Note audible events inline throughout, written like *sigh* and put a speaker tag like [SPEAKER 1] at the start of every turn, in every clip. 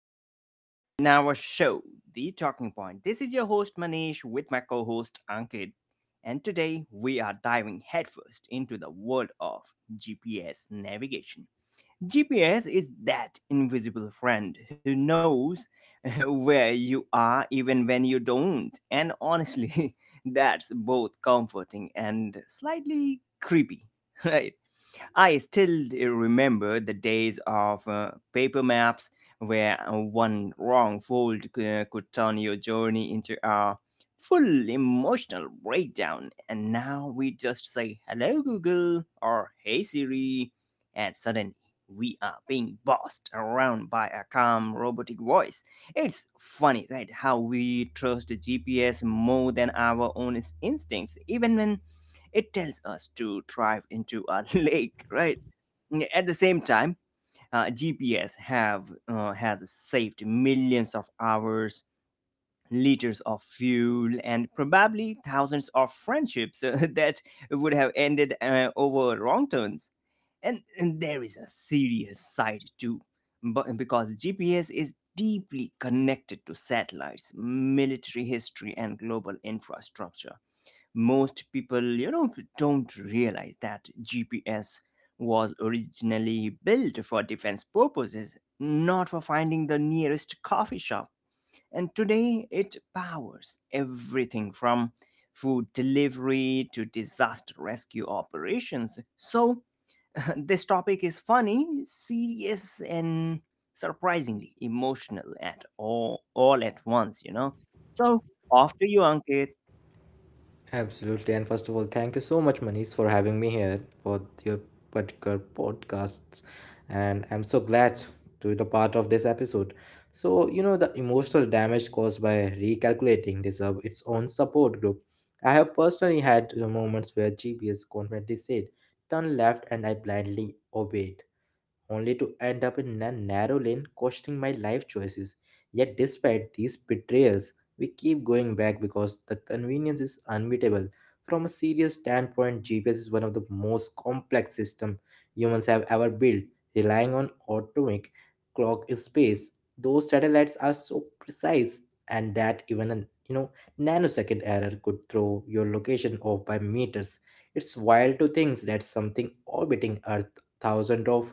[SPEAKER 1] our listeners in our show, The Talking Point. This is your host Manish with my co host Ankit, and today we are diving headfirst into the world of GPS navigation. GPS is that invisible friend who knows *laughs* where you are even when you don't, and honestly, *laughs* that's both comforting and slightly creepy, *laughs* right? I still remember the days of paper maps where one wrong could turn your journey into a full emotional breakdown. And now we just say, hello, Google, or hey, Siri, and suddenly we are being bossed around by a calm robotic voice. It's funny, right? How we trust the GPS more than our own instincts, even when it tells us to drive into a *laughs* lake, right? At the same time, uh, GPS have uh, has saved millions of hours, liters of fuel, and probably thousands of friendships *laughs* that would have ended over wrong turns. And there is a serious side too, but because GPS is deeply connected to satellites, military history, and global infrastructure, most people don't realize that gps was originally built for defense purposes, not for finding the nearest coffee shop. And today it powers everything from food delivery to disaster rescue operations. So *laughs* this topic is funny, serious, and surprisingly emotional at all at once, so off to you, Ankit.
[SPEAKER 2] Absolutely. And first of all, thank you so much, Manish, for having me here for your particular podcasts. And I'm so glad to be a part of this episode. So, you know, the emotional damage caused by recalculating deserve its own support group. I have personally had moments where GPS confidently said, turn left, and I blindly obeyed only to end up in a narrow lane questioning my life choices. Yet, despite these betrayals, we keep going back because the convenience is unbeatable. From a serious standpoint, GPS is one of the most complex systems humans have ever built, relying on atomic clock in space. Those satellites are so precise, and that even a you know nanosecond error could throw your location off by meters. It's wild to think that something orbiting Earth thousands of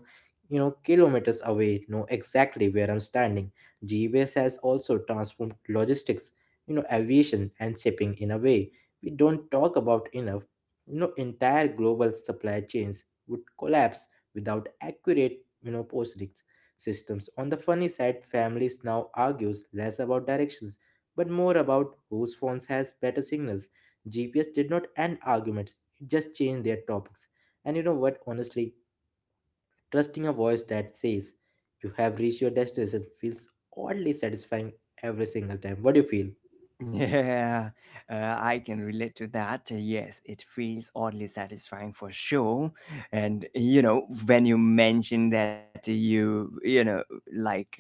[SPEAKER 2] kilometers away, know exactly where I'm standing. GBS has also transformed logistics, you know, aviation and shipping in a way we don't talk about enough. You know, entire global supply chains would collapse without accurate, you know, postlings systems. On the funny side, families now argues less about directions but more about whose phones has better signals. GPS did not end arguments; it just changed their topics. And you know what? Honestly, trusting a voice that says you have reached your destination feels oddly satisfying every single time. What do you feel?
[SPEAKER 1] *laughs* Yeah, I can relate to that. Yes, it feels oddly satisfying for sure. And you know, when you mentioned that you know, like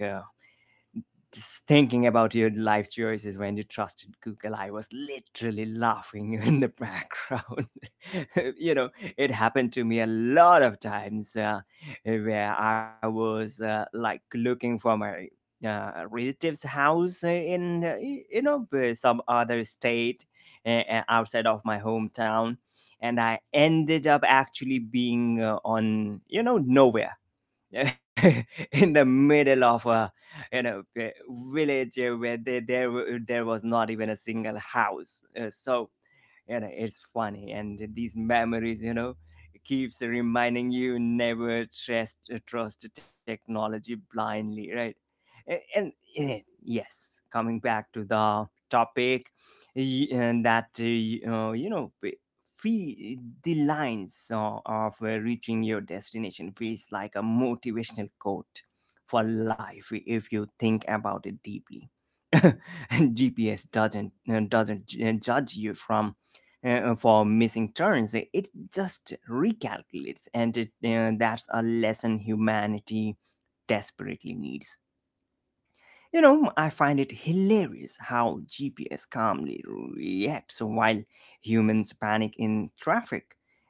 [SPEAKER 1] just thinking about your life choices when you trusted Google, I was literally laughing *laughs* in the background. *laughs* you know, it happened to me a lot of times where I was like looking for my relative's house in some other state, outside of my hometown. And I ended up actually being on, you know, nowhere, *laughs* in the middle of a a village where there was not even a single house. So you know, it's funny, and these memories, you know, keeps reminding you, never trust technology blindly, right? A- and, yes, coming back to the topic. Y- and that y- you know fee The lines of reaching your destination feels like a motivational quote for life if you think about it deeply. *laughs* GPS doesn't judge you from for missing turns. It just recalculates, and that's a lesson humanity desperately needs. You know, I find it hilarious how GPS calmly reacts while humans panic in traffic.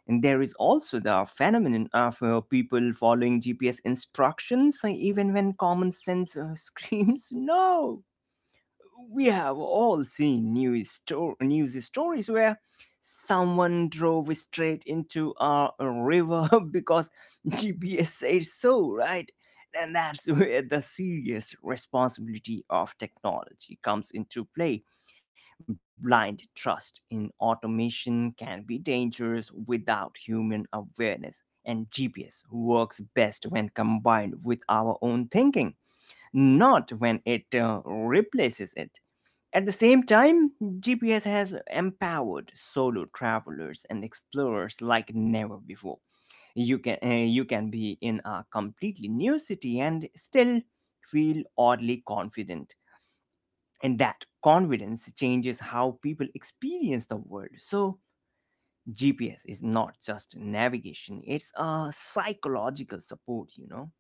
[SPEAKER 1] And there is also the phenomenon of people following GPS instructions even when common sense *laughs* screams no. We have all seen news stories where someone drove straight into a river *laughs* because GPS said so, right? And that's *laughs* where the serious responsibility of technology comes into play. Blind trust in automation can be dangerous without human awareness, and GPS works best when combined with our own thinking, not when it replaces it. At the same time, GPS has empowered solo travelers and explorers like never before. You can uh, you can be in a completely new city and still feel oddly confident. And that confidence changes how people experience the world. So, GPS is not just navigation, it's a psychological support, you know.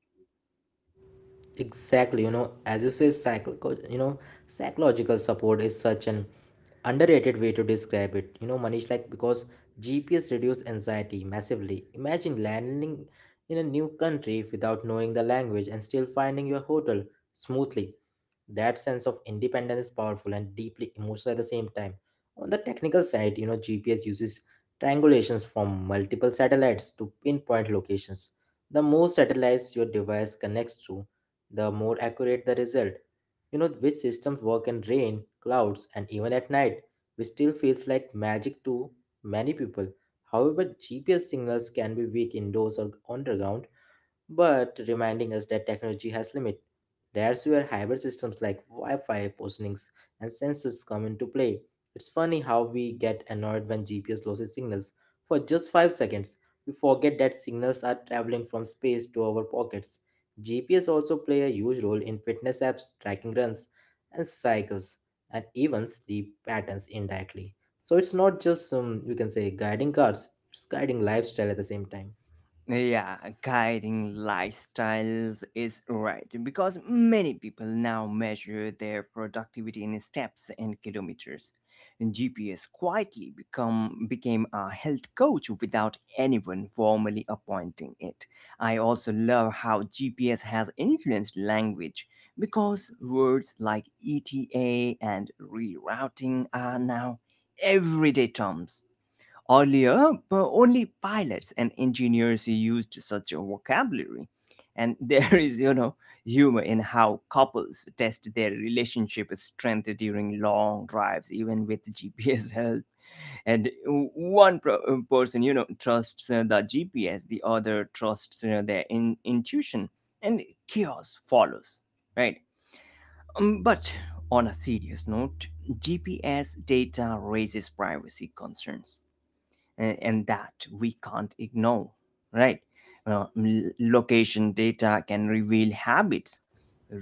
[SPEAKER 2] Exactly. You know, as you say, you know psychological support is such an underrated way to describe it, you know, Manish. Like, because GPS reduces anxiety massively. Imagine landing in a new country without knowing the language and still finding your hotel smoothly. That sense of independence is powerful and deeply emotional at the same time. On the technical side, you know, GPS uses triangulations from multiple satellites to pinpoint locations. The more satellites your device connects to, the more accurate the result. You know, which systems work in rain, clouds, and even at night, which still feels like magic to many people. However, GPS signals can be weak indoors or underground, but reminding us that technology has limit. That's where hybrid systems like Wi-Fi positionings and sensors come into play. It's funny how we get annoyed when GPS loses signals. For just 5 seconds, we forget that signals are traveling from space to our pockets. GPS also play a huge role in fitness apps, tracking runs and cycles, and even sleep patterns indirectly. So it's not just you can say guiding cars, it's guiding lifestyle at the same time.
[SPEAKER 1] Yeah, guiding lifestyles is right, because many people now measure their productivity in steps and kilometers. And GPS quietly become became a health coach without anyone formally appointing it. I also love how GPS has influenced language, because words like ETA and rerouting are now everyday terms. Earlier, only pilots and engineers used such a vocabulary. And *laughs* there is, you know, humor in how couples test their relationship strength during long drives, even with *laughs* GPS help. And one person, you know, trusts the GPS, the other trusts you their intuition, and chaos follows, right? But on a serious note, GPS data raises privacy concerns, and that we can't ignore, right? Well, location data can reveal habits,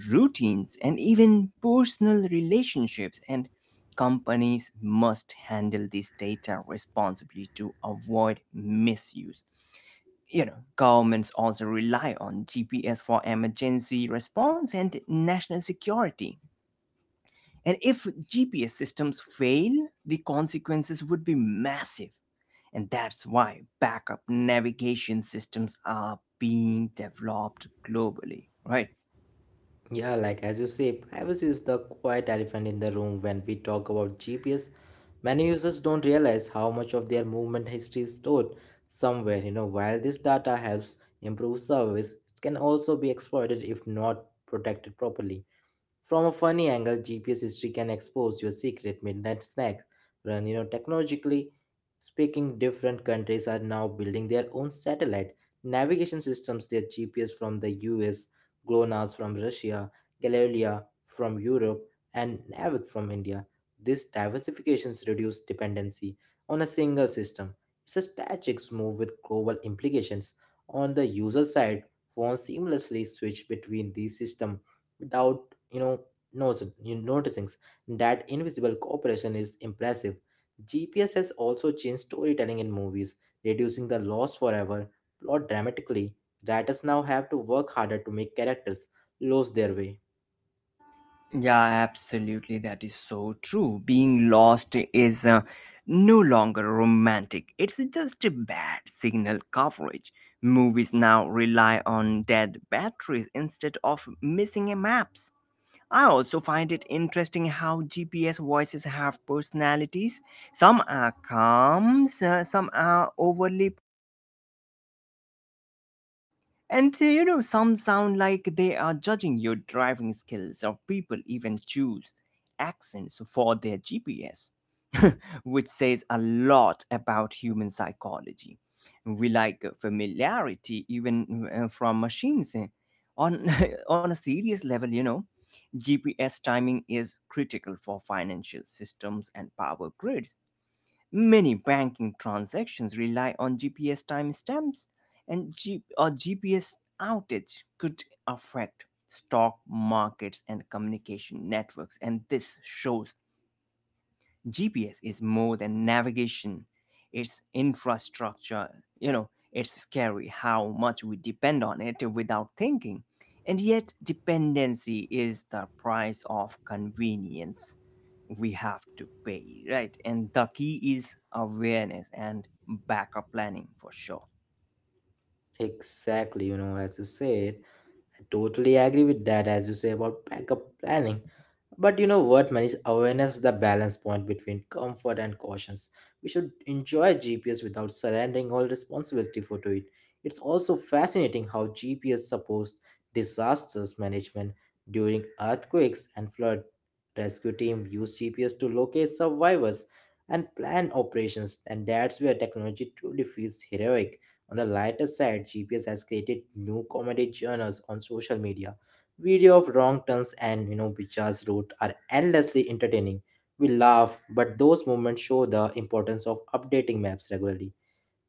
[SPEAKER 1] routines, and even personal relationships, and companies must handle this data responsibly to avoid misuse. You know, governments also rely on gps for emergency response and national security, and if GPS systems fail, the consequences would be massive. And that's why backup navigation systems are being developed globally, right?
[SPEAKER 2] Yeah, like as you say, privacy is the quiet elephant in the room when we talk about GPS. Many users don't realize how much of their movement history is stored somewhere. You know, while this data helps improve service, it can also be exploited if not protected properly. From a funny angle, GPS history can expose your secret midnight snack run. You know, technologically speaking, different countries are now building their own satellite navigation systems. Their GPS from the US, GLONASS from Russia, Galileo from Europe, and Navic from India. These diversifications reduce dependency on a single system. It's a strategic move with global implications. On the user side, phones seamlessly switch between these systems without you know knows you noticing that invisible cooperation is impressive. GPS has also changed storytelling in movies, reducing the loss forever plot dramatically. Writers now have to work harder to make characters lose their way.
[SPEAKER 1] Yeah, absolutely. That is so true. Being lost is no longer romantic, it's just a bad signal coverage. Movies now rely on dead batteries instead of missing a maps. I also find it interesting how GPS voices have personalities. Some are calm, some are overly, and you know, some sound like they are judging your driving skills, or people even choose accents for their GPS, *laughs* which says a lot about human psychology. We like familiarity even from machines. Eh. On, *laughs* on a serious level, you know, GPS timing is critical for financial systems and power grids. Many banking transactions rely on GPS timestamps, and a GPS outage could affect stock markets and communication networks. And this shows GPS is more than navigation, it's infrastructure. You know, it's scary how much we depend on it without thinking. And yet, dependency is the price of convenience we have to pay, right? And the key is awareness and backup planning for sure.
[SPEAKER 2] Exactly, you know, as you said, I totally agree with that. As you say about backup planning, but you know what, man, is awareness is the balance point between comfort and cautions. We should enjoy GPS without surrendering all responsibility for to it. It's also fascinating how GPS supports disasters management during earthquakes and flood. Rescue team use GPS to locate survivors and plan operations, and that's where technology truly feels heroic. On the lighter side, GPS has created new comedy genres on social media. Video of wrong turns and, you know, Bicha's route are endlessly entertaining. We laugh, but those moments show the importance of updating maps regularly.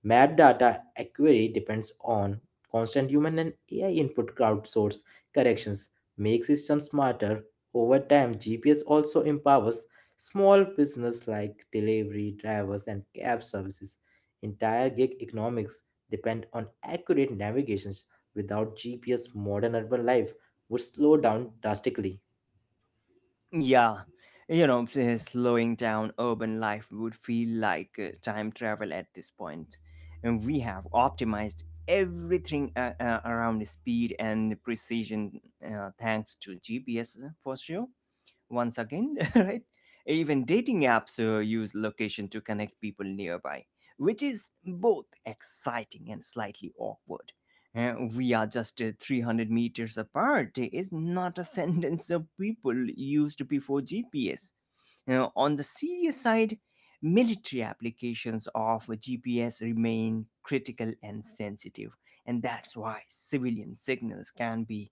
[SPEAKER 2] Map data acquire depends on constant human and AI input. Crowdsource corrections make systems smarter. Over time, GPS also empowers small business like delivery drivers and cab services. Entire gig economics depend on accurate navigations. Without GPS, modern urban life would slow down drastically.
[SPEAKER 1] Yeah, you know, slowing down urban life would feel like time travel at this point. And we have optimized everything around speed and precision, thanks to GPS for sure once again, *laughs* right? Even dating apps use location to connect people nearby, which is both exciting and slightly awkward. We are just 300 meters apart, is not a *laughs* sentence of people used before GPS. Now, on the serious side, military applications of GPS remain critical and sensitive, and that's why civilian signals can be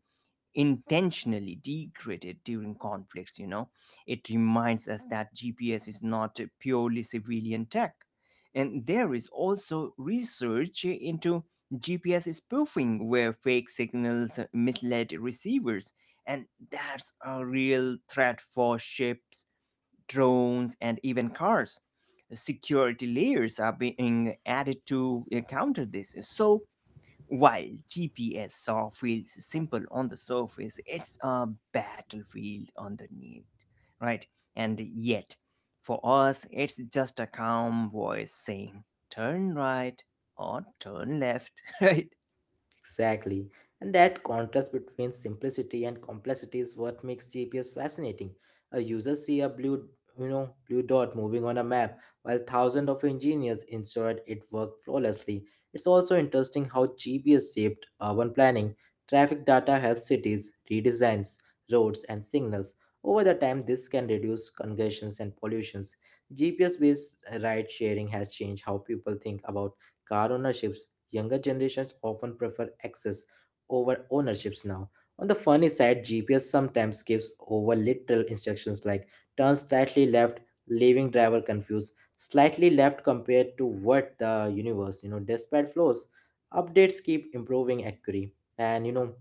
[SPEAKER 1] intentionally degraded during conflicts, you know. It reminds us that gps is not a purely civilian tech. And there is also research into gps spoofing, where fake signals misled receivers, and that's a real threat for ships, drones, and even cars. Security layers are being added to counter this. So while GPS saw feels simple on the surface, it's a battlefield underneath, right? And yet, for us, it's just a calm voice saying, turn right or turn left, *laughs* right?
[SPEAKER 2] Exactly. And that contrast between simplicity and complexity is what makes GPS fascinating. A user see a blue dot moving on a map, while thousands of engineers ensured it worked flawlessly. It's also interesting how GPS shaped urban planning. Traffic data helps cities redesigns roads and signals. Over the time, this can reduce congestions and pollutions. GPS-based ride sharing has changed how people think about car ownership. Younger generations often prefer access over ownerships now. On the funny side, GPS sometimes gives over literal instructions like turn slightly left, leaving driver confused. Slightly left compared to what, the universe? You know, despite flaws, updates keep improving accuracy. And you know,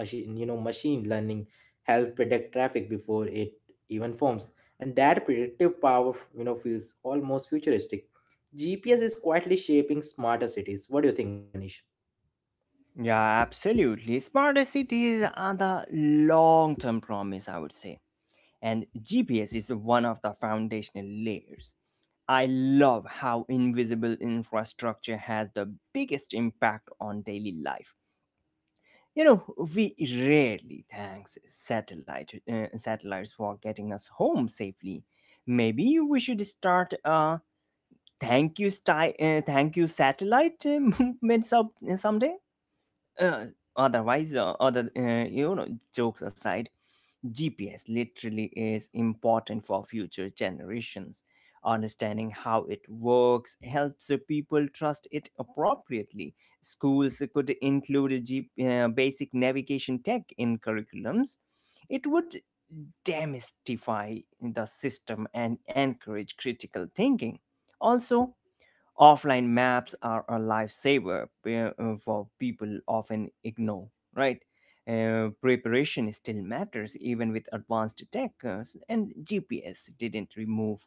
[SPEAKER 2] machine learning help predict traffic before it even forms, and that predictive power, you know, feels almost futuristic. GPS is quietly shaping smarter cities. What do you think, Manish?
[SPEAKER 1] Yeah, absolutely. Smarter cities are the long term promise, I would say. And GPS is one of the foundational layers. I love how invisible infrastructure has the biggest impact on daily life. You know, we rarely thank satellites for getting us home safely. Maybe we should start a thank you satellite *laughs* movement someday. Uh, otherwise, other you know jokes aside, GPS literally is important for future generations. Understanding how it works helps the people trust it appropriately. Schools could include a basic navigation tech in curriculums. It would demystify the system and encourage critical thinking. Also, offline maps are a lifesaver, for people often ignore, right? Preparation still matters even with advanced tech, and gps didn't remove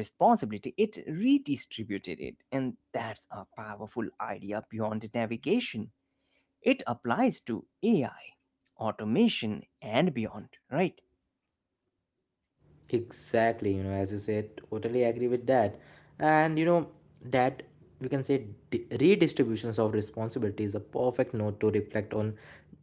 [SPEAKER 1] responsibility, it redistributed it. And that's a powerful idea beyond navigation. It applies to ai, automation, and beyond, right?
[SPEAKER 2] Exactly, you know, as you said, totally agree with that. And you know, that we can say redistributions of responsibility is a perfect note to reflect on.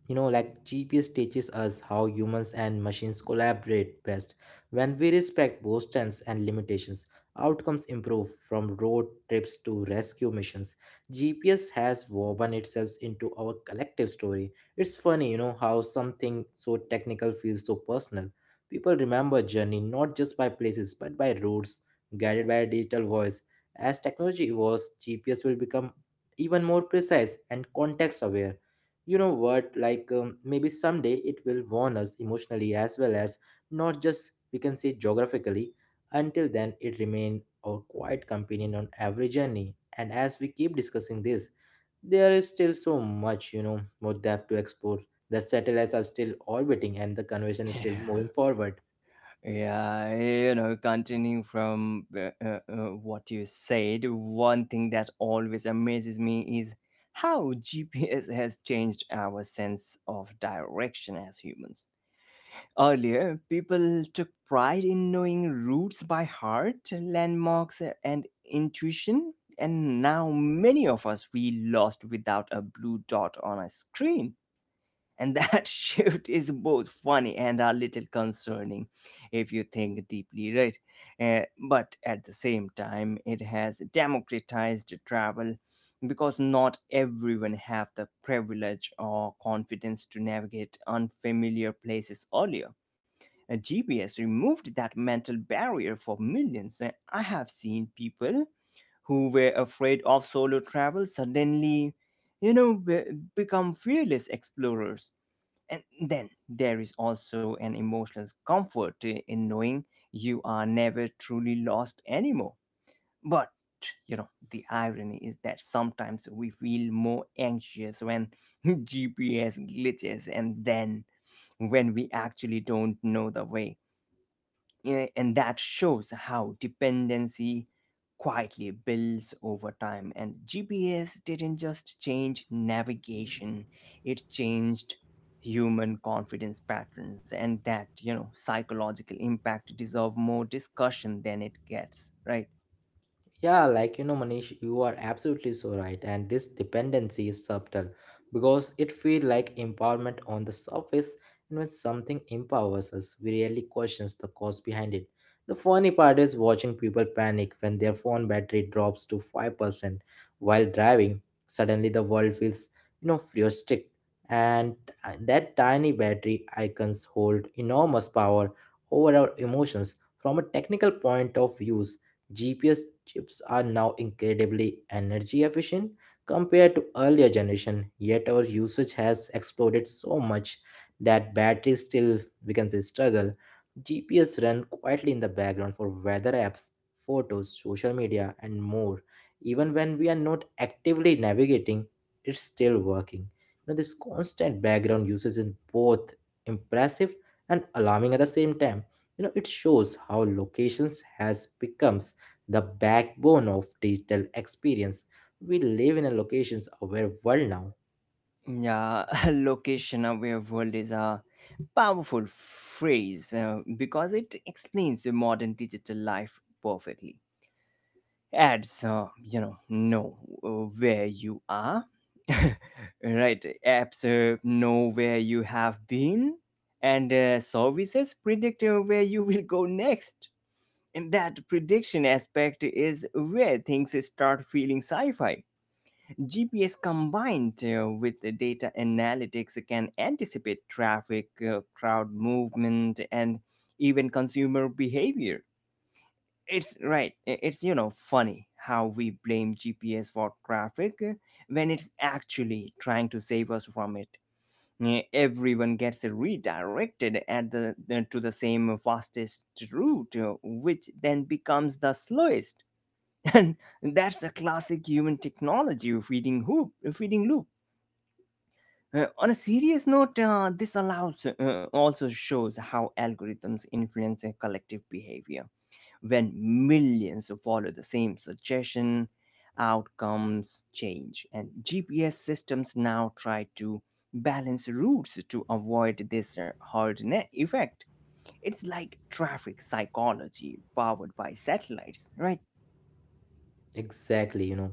[SPEAKER 2] You know, like GPS teaches us how humans and machines collaborate best. When we respect both strengths and limitations, outcomes improve from road trips to rescue missions. GPS has woven itself into our collective story. It's funny, you know, how something so technical feels so personal. People remember journey not just by places but by routes, guided by a digital voice. As technology evolves, GPS will become even more precise and context aware. You know what? Like, maybe someday it will warn us emotionally as well, as not just we can say geographically. Until then, it remained our quiet companion on every journey. And as we keep discussing this, there is still so much, you know, more depth to explore. The satellites are still orbiting and the conversation is still
[SPEAKER 1] Yeah.
[SPEAKER 2] moving forward.
[SPEAKER 1] Yeah, you know, continuing from what you said, one thing that always amazes me is how GPS has changed our sense of direction as humans. Earlier, people took pride in knowing routes by heart, landmarks, and intuition, and now many of us feel lost without a blue dot on a screen. And that *laughs* shift is both funny and a little concerning if you think deeply, right? But at the same time, it has democratized travel, because not everyone have the privilege or confidence to navigate unfamiliar places earlier. GPS removed that mental barrier for millions. I have seen people who were afraid of solo travel suddenly, you know, be- become fearless explorers. And then there is also an emotional comfort in knowing you are never truly lost anymore. But, you know, the irony is that sometimes we feel more anxious when *laughs* GPS glitches, and then when we actually don't know the way. Yeah, and that shows how dependency quietly builds over time. And GPS didn't just change navigation, it changed human confidence patterns. And that, you know, psychological impact deserve more discussion than it gets, right?
[SPEAKER 2] Yeah, like, you know, Manish, you are absolutely so right. And this dependency is subtle because it feels like empowerment on the surface. And when something empowers us, we rarely questions the cause behind it. The funny part is watching people panic when their phone battery drops to 5% while driving. Suddenly, the world feels, you know, futuristic. And that tiny battery icons hold enormous power over our emotions. From a technical point of view, GPS chips are now incredibly energy efficient compared to earlier generation, yet our usage has exploded so much that batteries still we can say struggle. GPS run quietly in the background for weather apps, photos, social media and more. Even when we are not actively navigating, it's still working. You know, this constant background usage is both impressive and alarming at the same time. You know, it shows how locations has become the backbone of digital experience. We live in a locations aware world now.
[SPEAKER 1] Yeah, *laughs* location aware world is a powerful phrase because it explains the modern digital life perfectly ads, you know where you are. *laughs* Right, apps know where you have been, and services predict where you will go next. And that prediction aspect is where things start feeling sci-fi. Gps combined with the data analytics can anticipate traffic, crowd movement, and even consumer behavior. It's funny how we blame gps for traffic, when it's actually trying to save us from it. Yeah, everyone gets redirected at to the same fastest route, which then becomes the slowest. *laughs* And that's a classic human technology feeding loop. On a serious note, this allows also shows how algorithms influence collective behavior. When millions follow the same suggestion, outcomes change, and gps systems now try to balance routes to avoid this hard net effect. It's like traffic psychology powered by satellites, right?
[SPEAKER 2] Exactly, you know.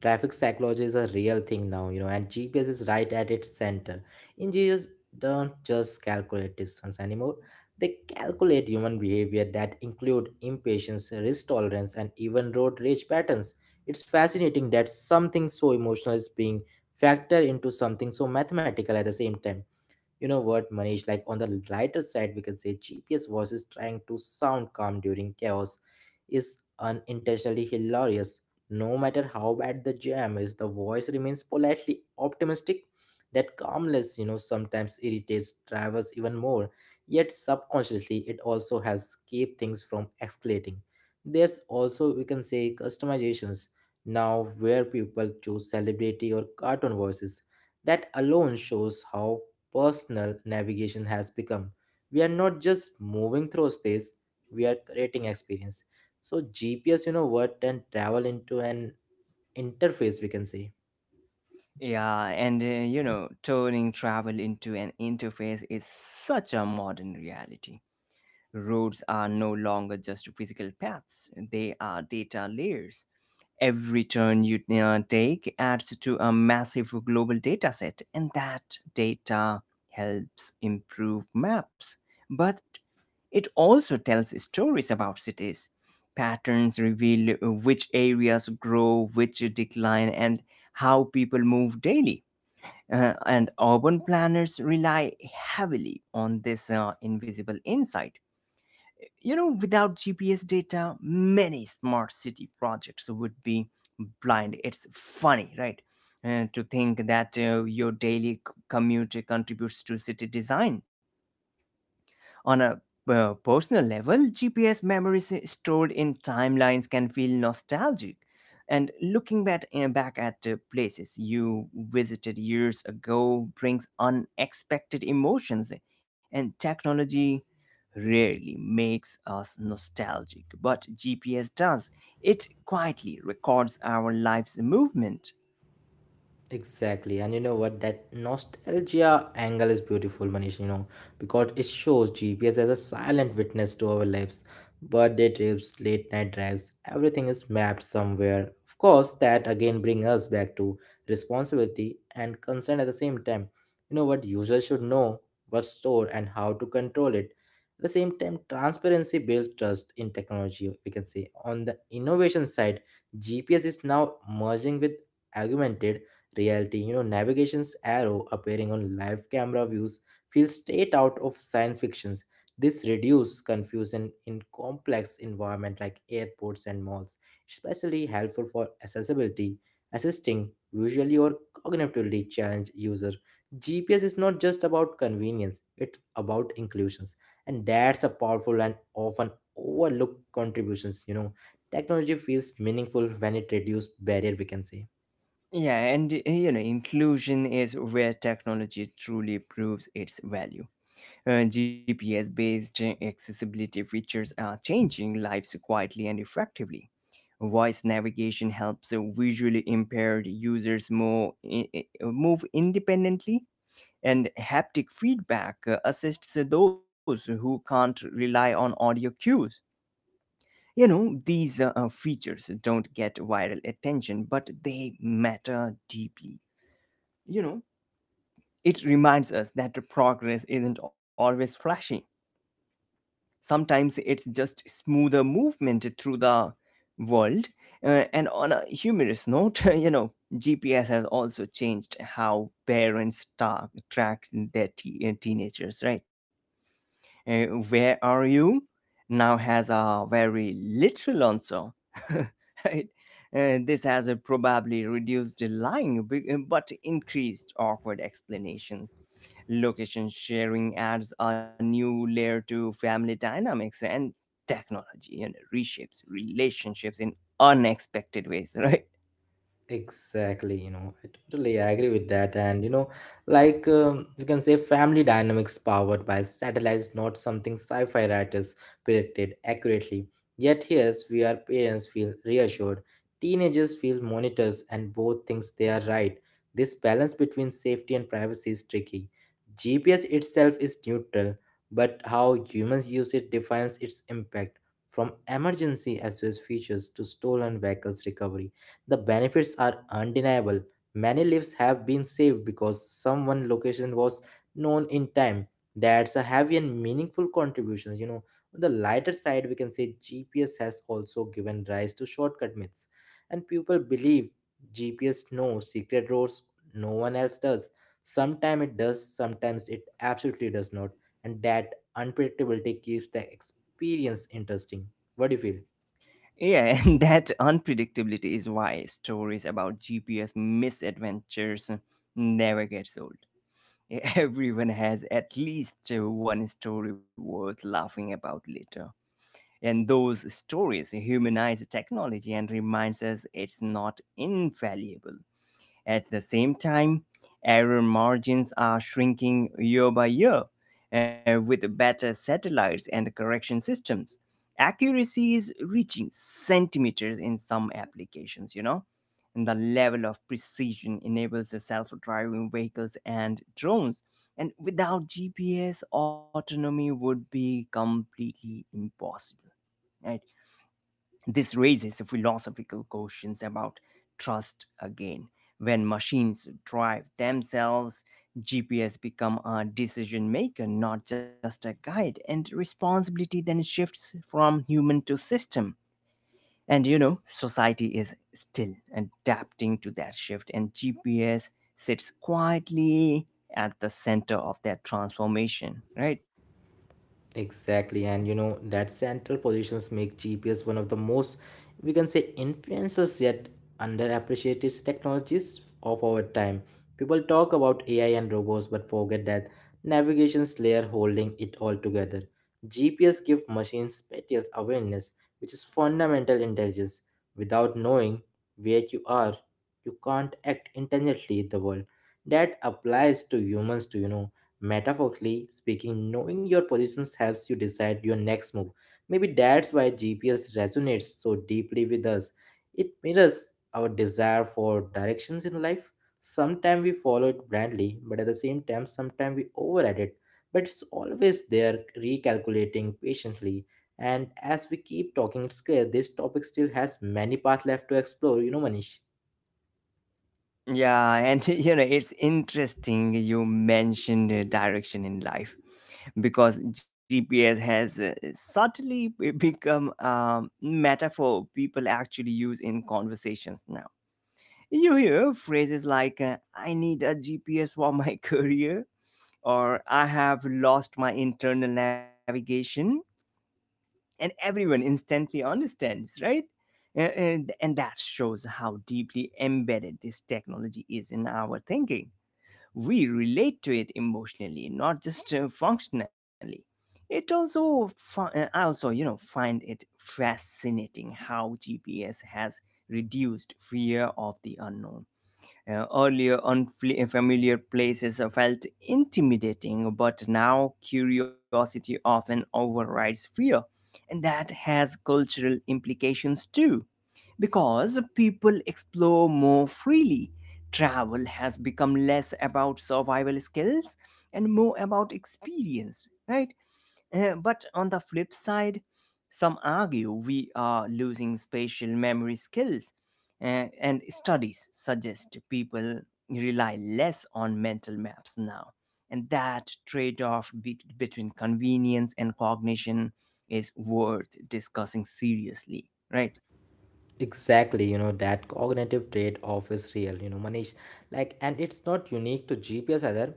[SPEAKER 2] Traffic psychology is a real thing now, you know, and GPS is right at its center. Engineers don't just calculate distance anymore. They calculate human behavior that include impatience, risk tolerance, and even road rage patterns. It's fascinating that something so emotional is being factored into something so mathematical at the same time. You know what, Manish, like on the lighter side we can say GPS voices trying to sound calm during chaos is unintentionally hilarious. No matter how bad the jam is, the voice remains politely optimistic. That calmness, you know, sometimes irritates drivers even more, yet subconsciously it also helps keep things from escalating. There's also we can say customizations now where people choose celebrity or cartoon voices. That alone shows how personal navigation has become. We are not just moving through space, we are creating experience. So GPS, you know what, and travel into an interface, we can say.
[SPEAKER 1] Yeah, and you know, turning travel into an interface is such a modern reality. Roads are no longer just physical paths, they are data layers. Every turn you take adds to a massive global data set, and that data helps improve maps. But it also tells stories about cities. Patterns reveal which areas grow, which decline, and how people move daily. And urban planners rely heavily on this invisible insight. You know, without GPS data, many smart city projects would be blind. It's funny, right? To think that your daily commute contributes to city design. On a personal level, GPS memories stored in timelines can feel nostalgic. And looking back at places you visited years ago brings unexpected emotions, and technology rarely makes us nostalgic, but GPS does. It quietly records our life's movement.
[SPEAKER 2] Exactly, and you know what? That nostalgia angle is beautiful, Manish. You know, because it shows GPS as a silent witness to our lives. Birthday trips, late night drives, everything is mapped somewhere. Of course, that again brings us back to responsibility and concern at the same time. You know what users should know, what store, and how to control it. At the same time, transparency builds trust in technology. We can say on the innovation side, GPS is now merging with augmented reality. You know, navigation's arrow appearing on live camera views feels straight out of science fictions. This reduces confusion in complex environment like airports and malls, especially helpful for accessibility, assisting visually or cognitively challenged user. GPS is not just about convenience, it's about inclusions. And that's a powerful and often overlooked contributions, you know. Technology feels meaningful when it reduces barrier, we can say.
[SPEAKER 1] Yeah, and you know, inclusion is where technology truly proves its value. GPS based accessibility features are changing lives quietly and effectively. Voice navigation helps visually impaired users move independently, and haptic feedback assists those who can't rely on audio cues. You know, these features don't get viral attention, but they matter deeply. You know, it reminds us that the progress isn't always flashy. Sometimes it's just smoother movement through the world. And on a humorous note, *laughs* you know, GPS has also changed how parents track their teenagers, right? Uh, where are you? Now has a very literal answer. *laughs* Right? This has probably reduced the lying but increased awkward explanations. Location sharing adds a new layer to family dynamics, and technology, you know, reshapes relationships in unexpected ways, right?
[SPEAKER 2] Exactly, you know, I totally agree with that. And, you know, you can say family dynamics powered by satellite is not something sci fi writers predicted accurately. Yet, here's where parents feel reassured, teenagers feel monitors, and both thinks they are right. This balance between safety and privacy is tricky. GPS itself is neutral, but how humans use it defines its impact from emergency SOS features to stolen vehicles recovery the benefits are undeniable. Many lives have been saved because someone location was known in time. That's a heavy and meaningful contribution. You know, on the lighter side, we can say GPS has also given rise to shortcut myths, and people believe GPS knows secret roads no one else does. Sometimes it does, sometimes it absolutely does not, and that unpredictability keeps the experience interesting. What do you feel?
[SPEAKER 1] Yeah, *laughs* and that unpredictability is why stories about GPS misadventures never gets old. *laughs* Everyone has at least one story worth laughing about later. And those stories humanize technology and reminds us it's not infallible. At the same time, error margins are shrinking year by year with better satellites and correction systems. Accuracy is reaching centimeters in some applications, you know. And the level of precision enables the self driving vehicles and drones. And without GPS, autonomy would be completely impossible. I This raises philosophical questions about trust again. When machines drive themselves, GPS become a decision maker, not just a guide, and responsibility then shifts from human to system. And you know, society is still adapting to that shift, and GPS sits quietly at the center of that transformation, right?
[SPEAKER 2] Exactly, and you know that central positions make GPS one of the most, we can say, influential yet underappreciated technologies of our time. People talk about AI and robots, but forget that navigation's layer holding it all together. GPS gives machines spatial awareness, which is fundamental intelligence. Without knowing where you are, you can't act intelligently in the world. That applies to humans too, you know. Metaphorically speaking, knowing your positions helps you decide your next move. Maybe that's why GPS resonates so deeply with us. It mirrors our desire for directions in life. Sometimes we follow it blindly, but at the same time, sometimes we override it. But it's always there, recalculating patiently. And as we keep talking, it's clear this topic still has many paths left to explore, you know, Manish.
[SPEAKER 1] Yeah, and *laughs* you know, it's interesting you mentioned direction in life because GPS has subtly become a metaphor people actually use in conversations now. You hear phrases like, I need a GPS for my *laughs* career, or I have lost my internal navigation, and everyone instantly understands, right? And that shows how deeply embedded this technology is in our thinking. We relate to it emotionally, not just functionally. It also fi- uh, i also you know find it fascinating how gps has reduced fear of the unknown. Earlier unfamiliar places are felt intimidating, but now curiosity often overrides fear, and that has cultural implications too, because people explore more freely. Travel has become less about survival skills and more about experience, right? But on the flip side, some argue we are losing spatial memory skills, and studies suggest people rely less on mental maps now. And that trade off between convenience and cognition is worth discussing seriously, right?
[SPEAKER 2] Exactly, you know, that cognitive trade off is real, you know, Manish. Like, and it's not unique to GPS either.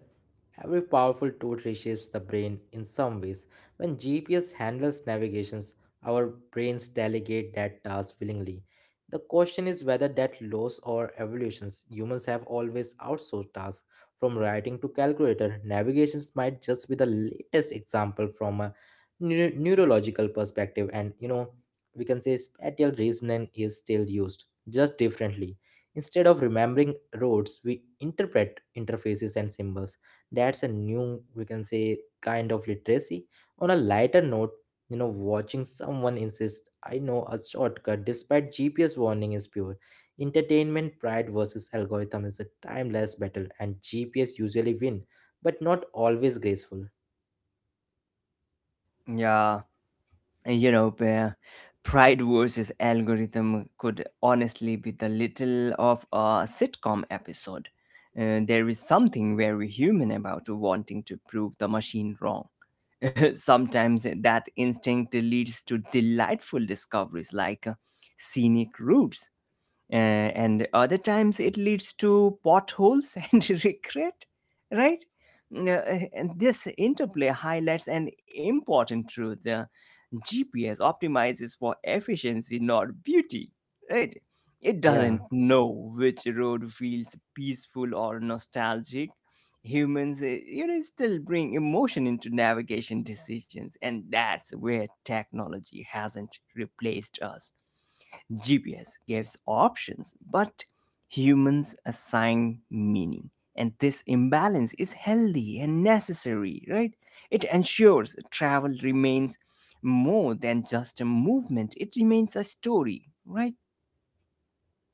[SPEAKER 2] Every powerful tool reshapes the brain in some ways. When GPS handles navigations, our brains delegate that task willingly. The question is whether that loss or evolutions. Humans have always outsourced tasks from writing to calculator. Navigations might just be the latest example from a neurological perspective, and you know, we can say spatial reasoning is still used, just differently. Instead of remembering roads, we interpret interfaces and symbols. That's a new, we can say, kind of literacy. On a lighter note, you know, watching someone insist, I know a shortcut despite GPS warning is pure. Entertainment pride versus algorithm is a timeless battle, and GPS usually win, but not always graceful.
[SPEAKER 1] Yeah. You know, where pride versus algorithm could honestly be the little of a sitcom episode. There is something very human about wanting to prove the machine wrong. *laughs* Sometimes that instinct leads to delightful discoveries like scenic routes, and other times it leads to potholes *laughs* and regret, right? And this interplay highlights an important truth. Gps optimizes for efficiency, not beauty, right? It doesn't
[SPEAKER 2] Yeah.
[SPEAKER 1] know which road feels peaceful or nostalgic. Humans you know still bring emotion into navigation decisions, and that's where technology hasn't replaced us. GPS gives options, but humans assign meaning. And this imbalance is healthy and necessary, right? It ensures travel remains more than just a movement, it remains a story, right?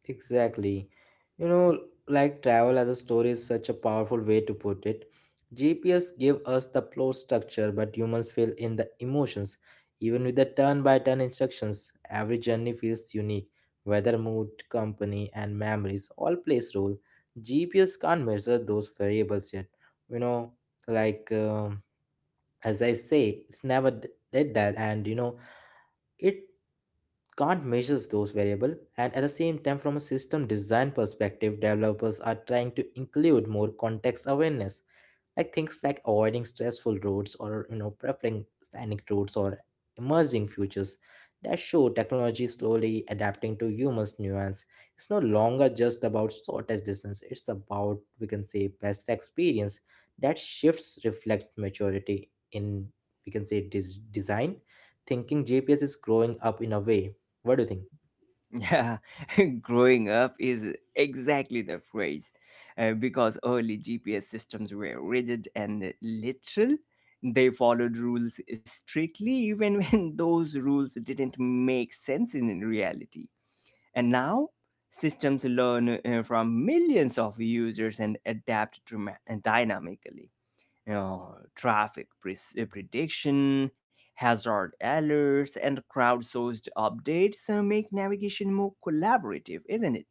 [SPEAKER 2] Exactly. You know, like travel as a story is such a powerful way to put it. GPS give us the plot structure, but humans fill in the emotions. Even with the turn-by-turn instructions, every journey feels unique. Weather, mood, company, and memories all plays role. GPS can't measure those variables yet. You know, like um as I say, it's never did that. And you know, it can't measure those variables and at the same time from a system design perspective developers are trying to include more context awareness like things like avoiding stressful roads or you know preferring scenic routes or emerging futures that show technology slowly adapting to humans nuance. It's no longer just about shortest distance, it's about we can say best experience. That shifts reflects maturity in we can say design thinking. GPS is growing up in a way. What do you think?
[SPEAKER 1] Yeah, *laughs* growing up is exactly the phrase. Because early GPS systems were rigid and literal, they followed rules strictly, even *laughs* when those rules didn't make sense in reality. And now, systems learn from millions of users and adapt dynamically. You know, prediction, hazard alerts, and crowdsourced updates make navigation more collaborative, isn't it?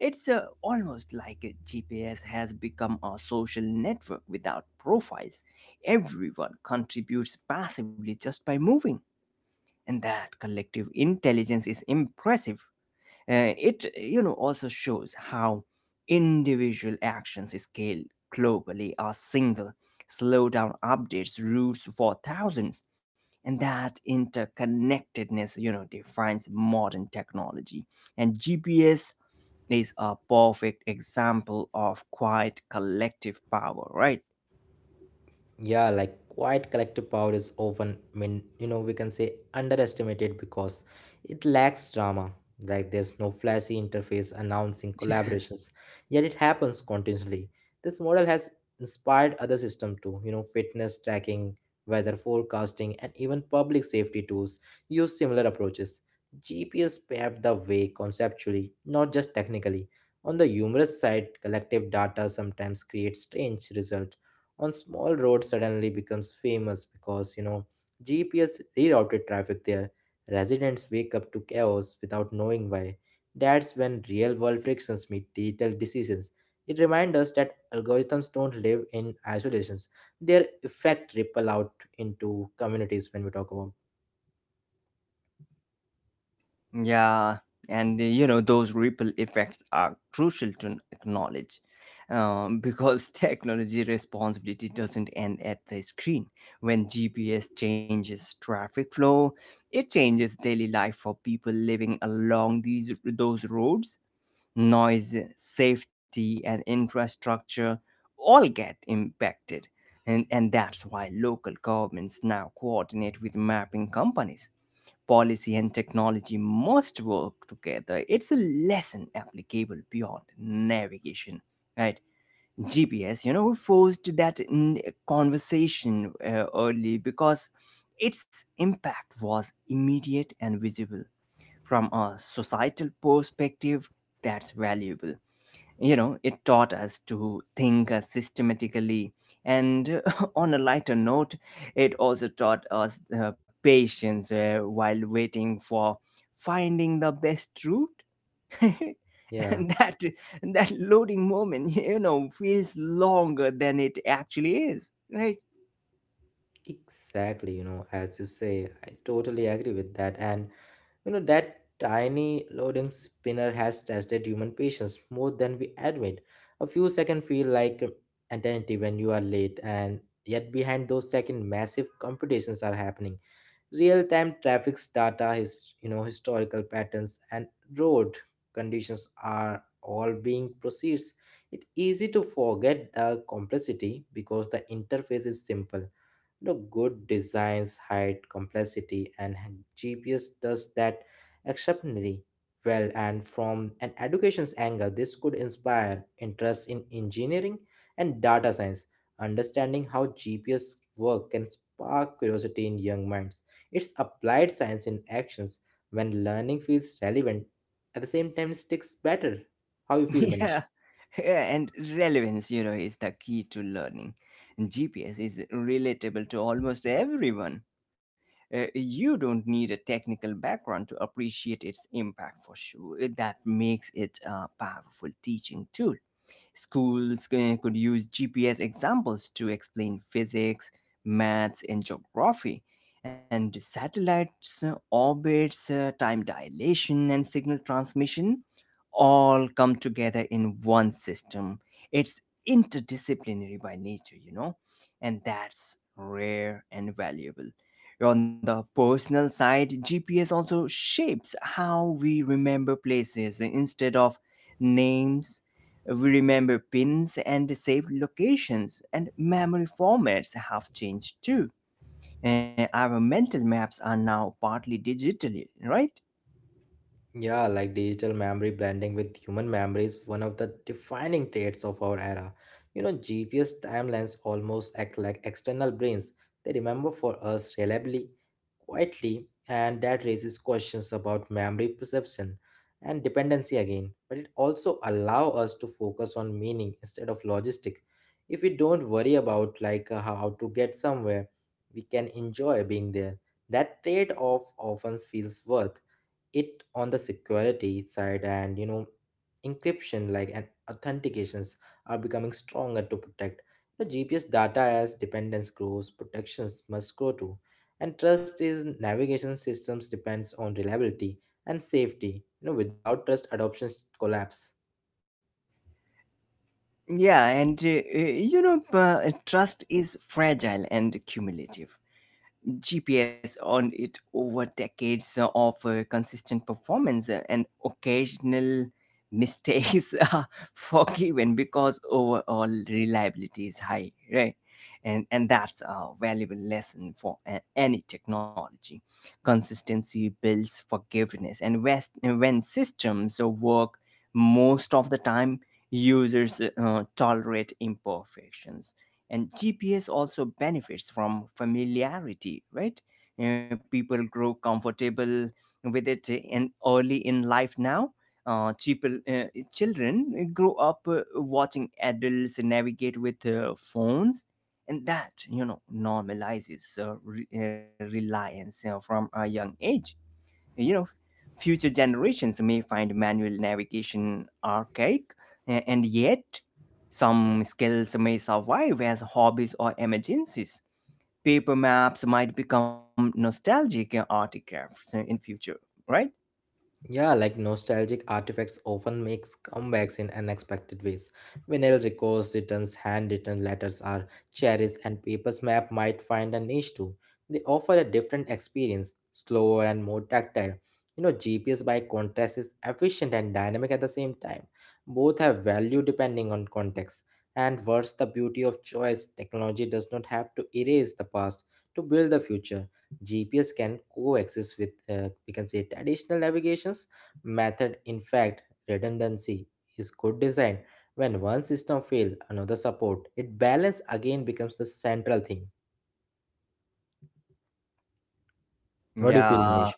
[SPEAKER 1] It's almost like a GPS has become a social network without profiles. Everyone contributes passively just by moving, and that collective intelligence is impressive. It you know also shows how individual actions scale globally. A single slowdown updates routes for thousands, and that interconnectedness you know defines modern technology. And GPS is a perfect example of quiet collective power, right?
[SPEAKER 2] Yeah, like quiet collective power is often I mean you know we can say underestimated because it lacks drama. Like there's no flashy interface announcing collaborations, yet it happens continuously. This model has inspired other systems too, you know, fitness tracking, weather forecasting, and even public safety tools use similar approaches. GPS paved the way conceptually, not just technically. On the humorous side, collective data sometimes creates strange results. On small roads suddenly becomes famous because you know GPS rerouted traffic there. Residents wake up to chaos without knowing why. That's when real world frictions meet digital decisions. It reminds us that algorithms don't live in isolations. Their effect ripple out into communities when we talk about.
[SPEAKER 1] Yeah, and you know, those ripple effects are crucial to acknowledge, *laughs* because technology responsibility doesn't end at the screen. When GPS changes traffic flow, it changes daily life for people living along these those roads. Noise, safety, and infrastructure all get impacted. And that's why local governments now coordinate with mapping companies. Policy and technology must work together. It's a lesson applicable beyond navigation, right? GPS, you know, forced that in conversation early because its impact was immediate and visible. From a societal perspective, that's valuable. You know, it taught us to think systematically, and *laughs* on a lighter note it also taught us patience while waiting for finding the best route. *laughs*
[SPEAKER 2] Yeah.
[SPEAKER 1] And that loading moment *laughs* you know feels longer than it actually is, right?
[SPEAKER 2] Exactly, you know, as you say, I totally agree with that. And you know, that tiny loading spinner has tested human patience more than we admit. A few seconds feel like eternity when you are late, and yet behind those seconds, massive computations are happening. Real-time traffic data, his you know historical patterns, and road conditions are all being processed. It's easy to forget the complexity because the interface is simple. You know, good designs hide complexity, and GPS does that exceptionally well. And from an education's angle, this could inspire interest in engineering and data science. Understanding how GPS work can spark curiosity in young minds. It's applied science in actions when learning feels relevant. At the same time, it sticks better. How you
[SPEAKER 1] *laughs*
[SPEAKER 2] feel, Manish?
[SPEAKER 1] Yeah, yeah, and relevance, you know, is the key to learning. GPS is relatable to almost everyone. You don't need a technical background to appreciate its impact for sure. That makes it a powerful teaching tool. Schools could use GPS examples to explain physics, maths, and geography. And satellites, orbits, time dilation, and signal transmission all come together in one system. It's interdisciplinary by nature, you know, and that's rare and valuable. On the personal side, GPS also shapes how we remember places. Instead of names, we remember pins and saved locations, and memory formats have changed too. Our mental maps are now partly digitally, right?
[SPEAKER 2] Yeah, like digital memory blending with human memory is one of the defining traits of our era. You know, GPS timelines almost act like external brains. They remember for us reliably, quietly, and that raises questions about memory perception and dependency again. But it also allows us to focus on meaning instead of logistic. If we don't worry about how to get somewhere, we can enjoy being there. That trade-off often feels worth it. On the security side, and you know, encryption like and authentications are becoming stronger to protect the GPS data. As dependence grows, protections must grow too, and trust in navigation systems depends on reliability and safety. You know, without trust adoptions collapse.
[SPEAKER 1] Yeah, and you know, trust is fragile and cumulative. GPS earned it over decades of consistent performance, and occasional mistakes *laughs* are forgiven because overall reliability is high, right? And that's a valuable lesson for any technology. Consistency builds forgiveness, and west, when systems work most of the time, users tolerate imperfections, and GPS also benefits from familiarity, right? People grow comfortable with it in early in life now. Uh, people, uh, Children grow up watching adults navigate with phones, and that you know normalizes reliance from a young age. You know, future generations may find manual navigation archaic, and yet some skills may survive as hobbies or emergencies. Paper maps might become nostalgic artifacts in future, right?
[SPEAKER 2] Yeah, like nostalgic artifacts often makes comebacks in unexpected ways. Vinyl records, returns, handwritten letters are cherished, and paper's map might find a niche too. They offer a different experience, slower and more tactile. You know, GPS by contrast is efficient and dynamic at the same time. Both have value depending on context. And worse, the beauty of choice, technology does not have to erase the past to build the future. GPS can coexist with, we can say, traditional navigations method. In fact, redundancy is good design. When one system fail, another support. It balance again becomes the central thing. What do you feel,
[SPEAKER 1] Yeah,
[SPEAKER 2] Manish?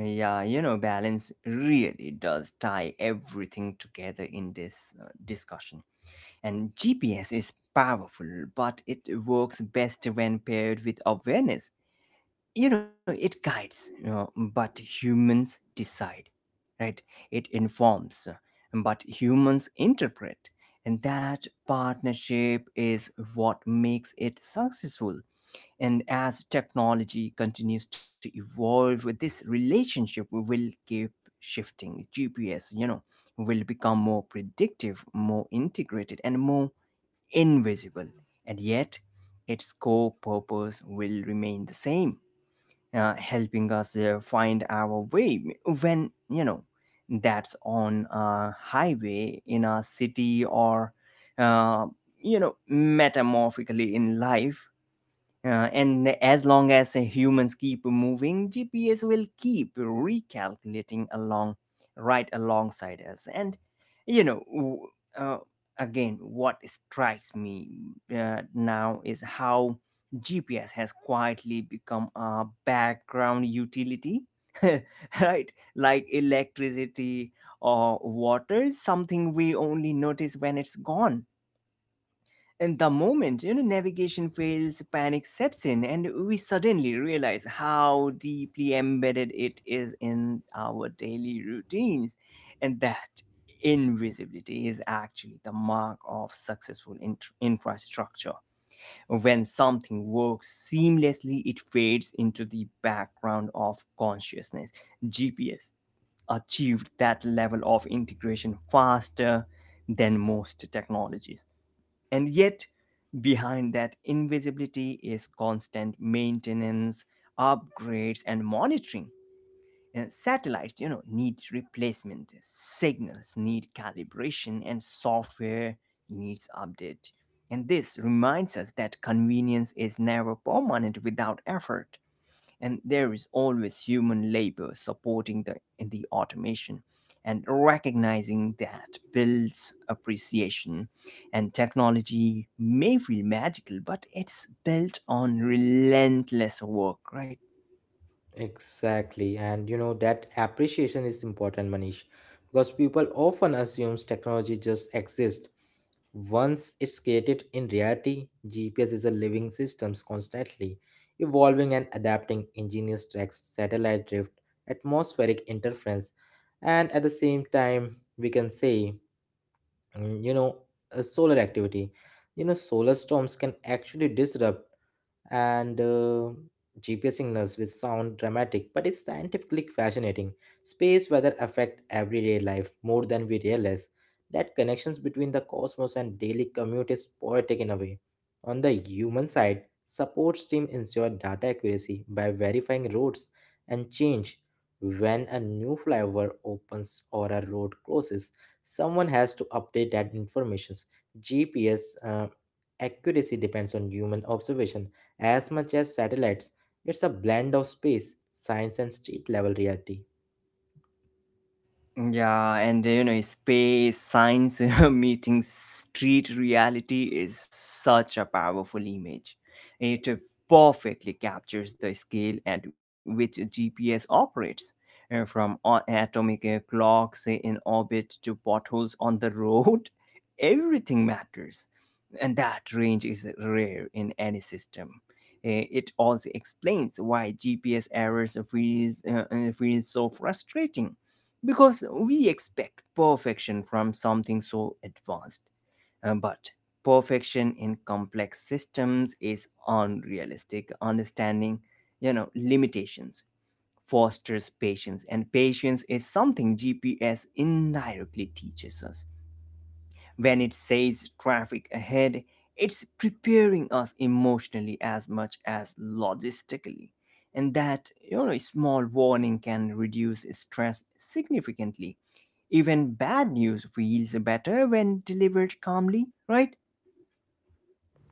[SPEAKER 1] yeah, you know, balance really does tie everything together in this discussion. And GPS is powerful, but it works best when paired with awareness. You know, it guides, you know, but humans decide, right? It informs, but humans interpret, and that partnership is what makes it successful. And as technology continues to evolve, this relationship will keep shifting. Gps you know will become more predictive, more integrated, and more invisible. And yet its core purpose will remain the same, helping us find our way, when you know that's on a highway, in a city, or uh, you know metamorphically in life. And as long as humans keep moving, GPS will keep recalculating along right alongside us. And you know, w- uh, Again, what strikes me now is how GPS has quietly become a background utility, *laughs* right? Like electricity or water, something we only notice when it's gone. And the moment navigation fails, panic sets in, and we suddenly realize how deeply embedded it is in our daily routines, and that invisibility is actually the mark of successful infrastructure. When something works seamlessly, it fades into the background of consciousness. GPS achieved that level of integration faster than most technologies, and yet, behind that invisibility is constant maintenance, upgrades, and monitoring. And satellites, you know, need replacement. Signals need calibration, and software needs update. And this reminds us that convenience is never permanent without effort, and there is always human labor supporting the automation. And recognizing that builds appreciation. And technology may feel magical, but it's built on relentless work, right?
[SPEAKER 2] Exactly, and you know that appreciation is important, Manish, because people often assumes technology just exists. Once it's created in reality, GPS is a living system constantly evolving and adapting ingenious tracks, satellite drift, atmospheric interference, and at the same time, we can say, you know, solar activity. You know, solar storms can actually disrupt and GPS signals which sound dramatic, but it's scientifically fascinating. Space weather affect everyday life more than we realize. That connections between the cosmos and daily commute is poetic in a way. On the human side, support team ensure data accuracy by verifying roads and change when a new flyover opens or a road closes. Someone has to update that information. GPS accuracy depends on human observation as much as satellites. It's a blend of space, science, and street level reality.
[SPEAKER 1] Yeah, and you know, space, science *laughs* meeting street reality is such a powerful image. It perfectly captures the scale at which GPS operates, from atomic clocks in orbit to potholes on the road. *laughs* Everything matters, and that range is rare in any system. It also explains why GPS errors feels so frustrating because we expect perfection from something so advanced. But perfection in complex systems is unrealistic. Understanding, limitations fosters patience, and patience is something GPS indirectly teaches us. When it says traffic ahead, it's preparing us emotionally as much as logistically. And that, a small warning can reduce stress significantly. Even bad news feels better when delivered calmly, right?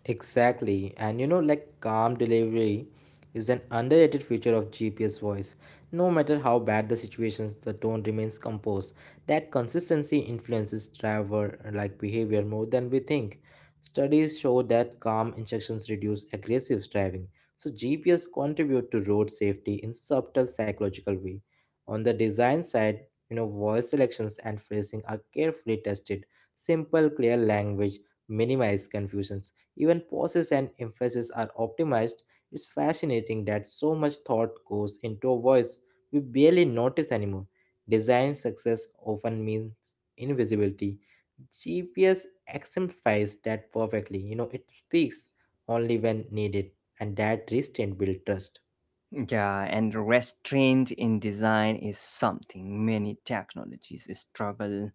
[SPEAKER 2] Exactly. And you know, like calm delivery is an underrated feature of GPS voice. No matter how bad the situations, the tone remains composed. That consistency influences driver like behavior more than we think. Studies show that calm instructions reduce aggressive driving. So GPS contribute to road safety in subtle psychological way. On the design side, you know, voice selections and phrasing are carefully tested. Simple, clear language minimize confusion. Even pauses and emphasis are optimized. It's fascinating that so much thought goes into a voice we barely notice anymore. Design success often means invisibility. GPS exemplifies that perfectly. You know, it speaks only when needed, and that restraint builds trust.
[SPEAKER 1] Yeah, and restraint in design is something many technologies struggle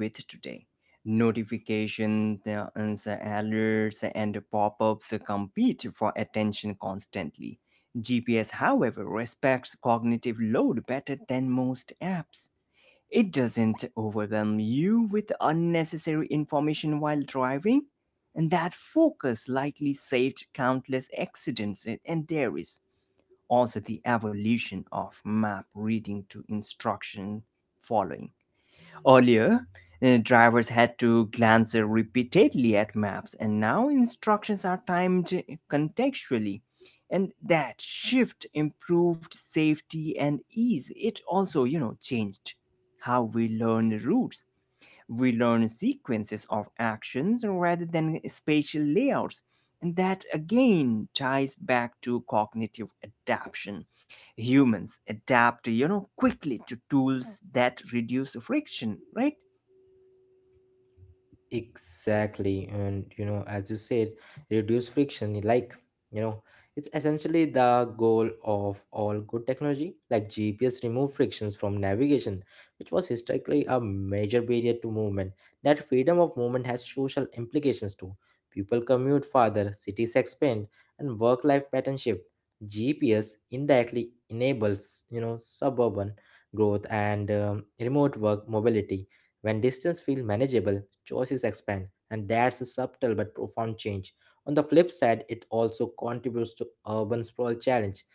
[SPEAKER 1] with today. Notifications, and the alerts, and pop ups compete for attention constantly. GPS, however, respects cognitive load better than most apps. It doesn't overwhelm you with unnecessary information while driving, and that focus likely saved countless accidents. And there is also the evolution of map reading to instruction following. Earlier, drivers had to glance repeatedly at maps, and now instructions are timed contextually. And that shift improved safety and ease. It also, you know, changed how we learn routes. We learn sequences of actions rather than spatial layouts. And that again ties back to cognitive adaptation. Humans adapt, you know, quickly to tools that reduce friction, right?
[SPEAKER 2] Exactly. And, you know, as you said, reduce friction. Like, you know, it's essentially the goal of all good technology. Like, GPS remove frictions from navigation, which was historically a major barrier to movement. That freedom of movement has social implications too. People commute farther, cities expand, and work life pattern shift. GPS indirectly enables, you know, suburban growth and remote work mobility. When distance feels manageable, choices expand, and that's a subtle but profound change. On the flip side, it also contributes to urban sprawl challenge.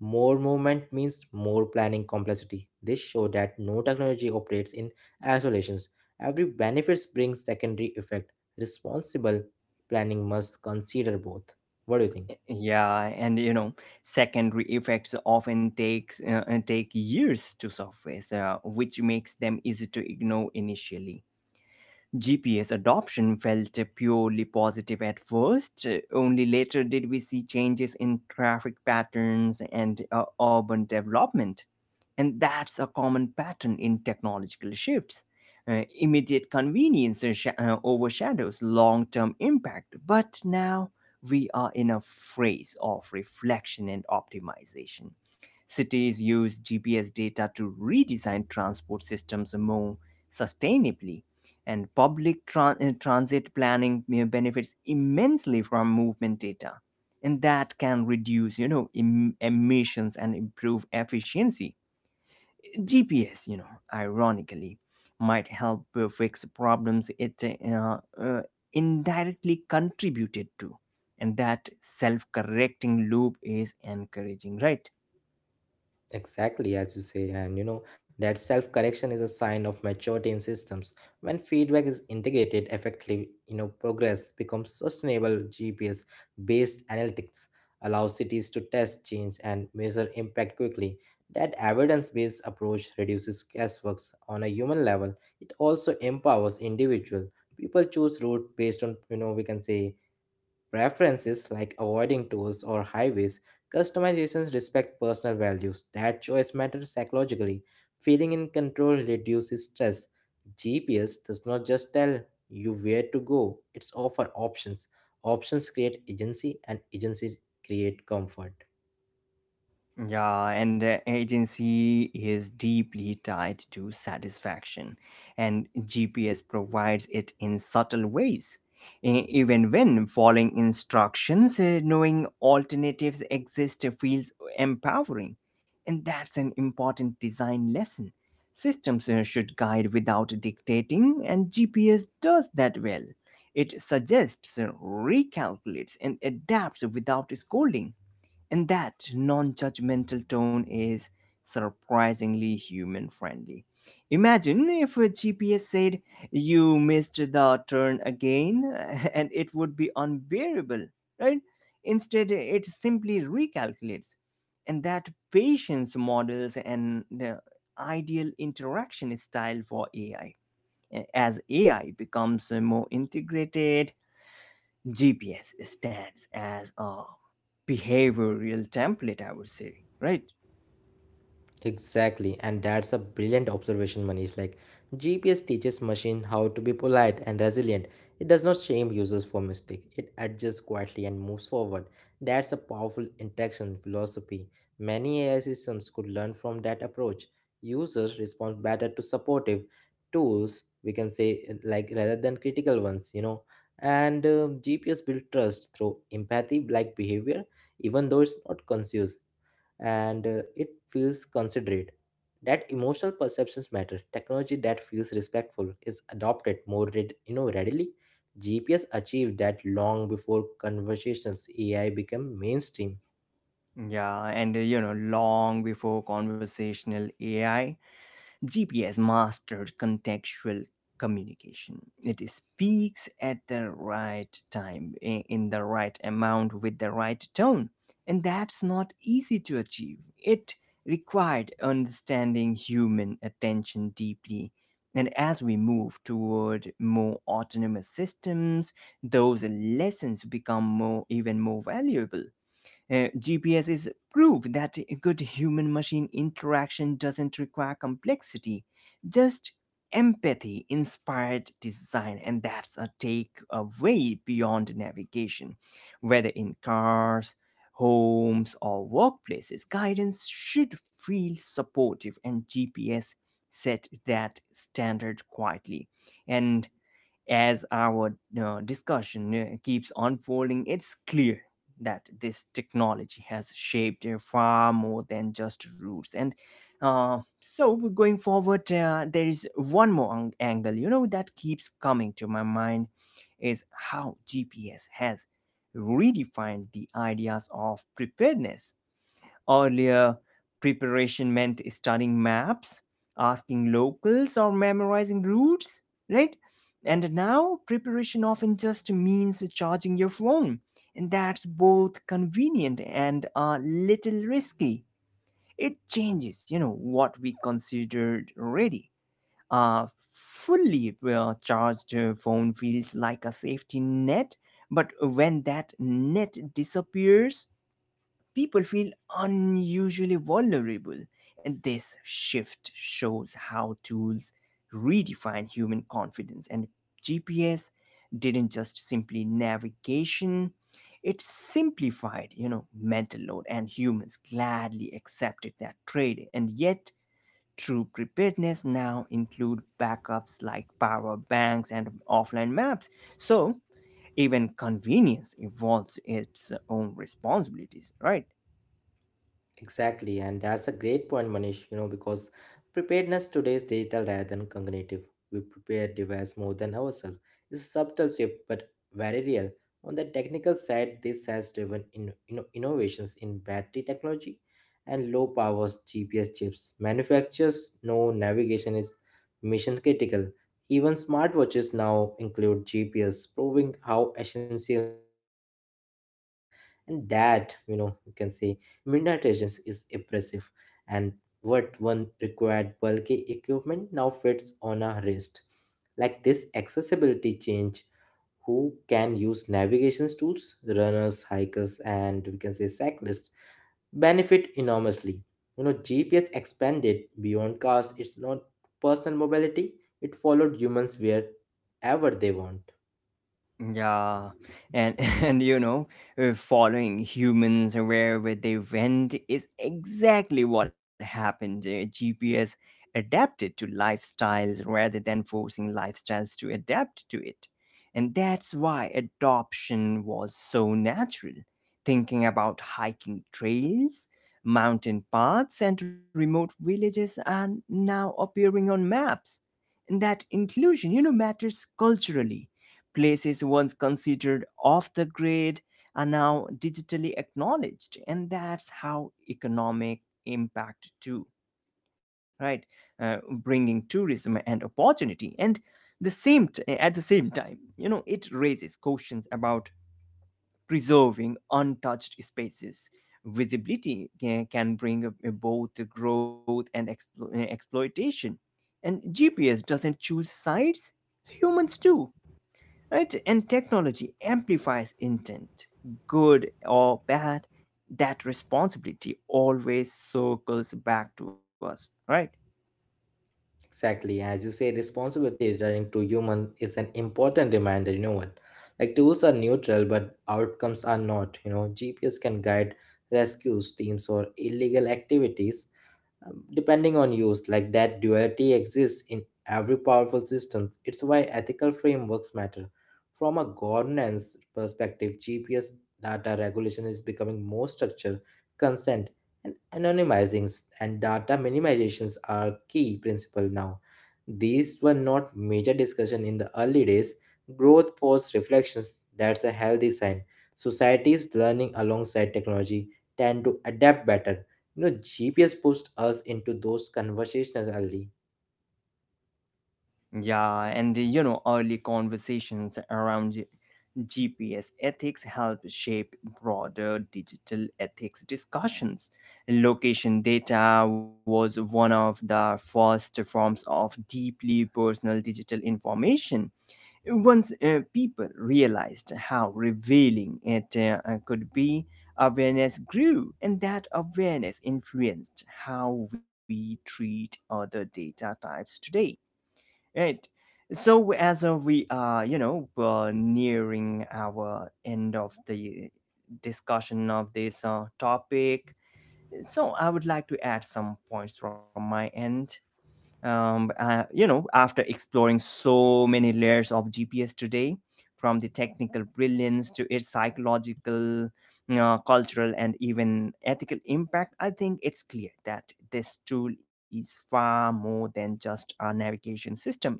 [SPEAKER 2] More movement means more planning complexity. This shows that no technology operates in isolations. Every benefits brings secondary effect. Responsible planning must consider both. What do you think?
[SPEAKER 1] Yeah, and you know, secondary effects often take years to surface, which makes them easy to ignore initially. GPS adoption felt purely positive at first. Only later did we see changes in traffic patterns and urban development. And that's a common pattern in technological shifts. Immediate convenience overshadows long term impact, but now we are in a phase of reflection and optimization. Cities use GPS data to redesign transport systems more sustainably, and public transit planning, you know, benefits immensely from movement data, and that can reduce, you know, emissions and improve efficiency. GPS, you know, ironically might help fix problems it uh, uh, indirectly contributed to, and that self-correcting loop is encouraging, right?
[SPEAKER 2] Exactly, as you say, and you know, that self correction is a sign of maturity in systems. When feedback is integrated effectively, you know, progress becomes sustainable. GPS based analytics allows cities to test change and measure impact quickly. That evidence based approach reduces guessworks on a human level. It also empowers individual. People choose route based on, you know, we can say preferences like avoiding tolls or highways, customizations respect personal values. That choice matters psychologically. Feeling in control reduces stress. GPS does not just tell you where to go, it's offer options. Options create agency, and agency create comfort.
[SPEAKER 1] Yeah, and agency is deeply tied to satisfaction, and GPS provides it in subtle ways. Even when following instructions, knowing alternatives exist feels empowering, and that's an important design lesson. Systems should guide without dictating, and GPS does that well. It suggests, recalculates, and adapts without scolding, and that non judgmental tone is surprisingly human friendly. Imagine if a GPS said, "You missed the turn again," *laughs* and it would be unbearable, right? Instead, it simply recalculates. And that patience models an ideal interaction style for AI. As AI becomes more integrated, GPS stands as a behavioral template, I would say, right?
[SPEAKER 2] Exactly, and that's a brilliant observation, Manish. Like, GPS teaches machine how to be polite and resilient. It does not shame users for mistake. It adjusts quietly and moves forward. That's a powerful interaction philosophy. Many AI systems could learn from that approach. Users respond better to supportive tools, we can say, like rather than critical ones, you know. And GPS build trust through empathy-like behavior, even though it's not conscious and it feels considerate. That emotional perceptions matter. Technology that feels respectful is adopted more read, you know readily. GPS achieved that long before conversations AI became mainstream.
[SPEAKER 1] Yeah, and you know, long before conversational AI, GPS mastered contextual communication. It speaks at the right time, in the right amount, with the right tone. And that's not easy to achieve. It required understanding human attention deeply. And as we move toward more autonomous systems, those lessons become more even more valuable. GPS is proof that good human machine interaction doesn't require complexity, just empathy inspired design. And that's a takeaway beyond navigation. Whether in cars, homes, or workplaces, guidance should feel supportive, and GPS set that standard quietly. And as our discussion keeps unfolding, it's clear that this technology has shaped far more than just roots. And so, we're going forward, there is one more angle, you know, that keeps coming to my mind is how GPS has redefined the ideas of preparedness. Earlier, preparation meant studying maps, asking locals, or memorizing routes, right? And now, preparation often just means charging your phone, and that's both convenient and a little risky. It changes, you know, what we considered ready. A fully charged phone feels like a safety net, but when that net disappears, people feel unusually vulnerable, and this shift shows how tools redefine human confidence. And GPS didn't just simply navigation, it simplified, you know, mental load, and humans gladly accepted that trade. And yet, true preparedness now include backups like power banks and offline maps. So, even convenience involves its own responsibilities, right?
[SPEAKER 2] Exactly, and that's a great point, Manish. You know, because preparedness today is digital rather than cognitive. We prepare device more than ourselves. It's a subtle shift, but very real. On the technical side, this has driven innovations in battery technology and low powers GPS chips. Manufacturers know navigation is mission critical. Even smartwatches now include GPS, proving how essential it has become. And that, you know, you can say. Midnight Agents is impressive, and what one required bulky equipment now fits on a wrist. Like this accessibility change, who can use navigation tools, runners, hikers, and we can say cyclists benefit enormously. You know, GPS expanded beyond cars, it's not personal mobility, it followed humans wherever they want.
[SPEAKER 1] Yeah, and *laughs* and you know, following humans wherever they went is exactly what happened. GPS adapted to lifestyles rather than forcing lifestyles to adapt to it. And that's why adoption was so natural. Thinking about hiking trails, mountain paths, and remote villages are now appearing on maps. And that inclusion, you know, matters culturally. Places once considered off the grid are now digitally acknowledged, and that's how economic impact too, right? Bringing tourism and opportunity, and the same t- eh, at the same time, you know, it raises questions about preserving untouched spaces. Visibility can bring a both growth and exploitation. And GPS doesn't choose sides, humans do, right? And technology amplifies intent, good or bad. That responsibility always circles back to us, right?
[SPEAKER 2] Exactly. As you say, responsibility returning to human is an important reminder, you know what? Like tools are neutral, but outcomes are not. You know, GPS can guide rescues teams or illegal activities, depending on use. Like that duality exists in every powerful system. It's why ethical frameworks matter. From a governance perspective, GPS data regulation is becoming more structured. Consent and anonymizing and data minimizations are key principle now. These were not major discussion in the early days. Growth force reflections, that's a healthy sign. Societies learning alongside technology tend to adapt better. You know, GPS pushed us into those conversations early.
[SPEAKER 1] Yeah, and you know, early conversations around GPS ethics help shape broader digital ethics discussions. Location data was one of the first forms of deeply personal digital information. Once people realized how revealing it could be, awareness grew, and that awareness influenced how we treat other data types today. Right. So as we are, you know, nearing our end of the discussion of this topic, so I would like to add some points from my end. You know, after exploring so many layers of GPS today, from the technical brilliance to its psychological, cultural, and even ethical impact, I think it's clear that this tool is far more than just a navigation system. It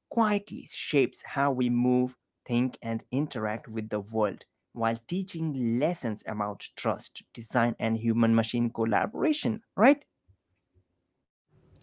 [SPEAKER 1] quietly shapes how we move, think, and interact with the world while teaching lessons about trust, design, and human machine collaboration, right?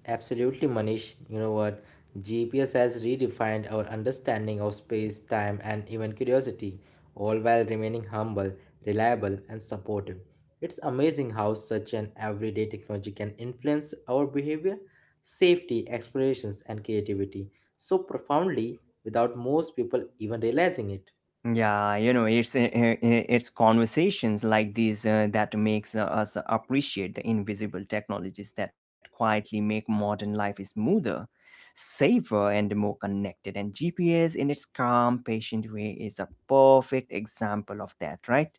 [SPEAKER 2] Absolutely, Manish. You know what? GPS has redefined our understanding of space, time, and even curiosity, all while remaining humble, reliable, and supportive. It's amazing how such an everyday technology can influence our behavior, safety, explorations, and creativity so profoundly without most people even realizing it.
[SPEAKER 1] Yeah, you know, it's conversations like these that makes us appreciate the invisible technologies that quietly make modern life smoother, safer, and more connected. And GPS, in its calm, patient way, is a perfect example of that, right?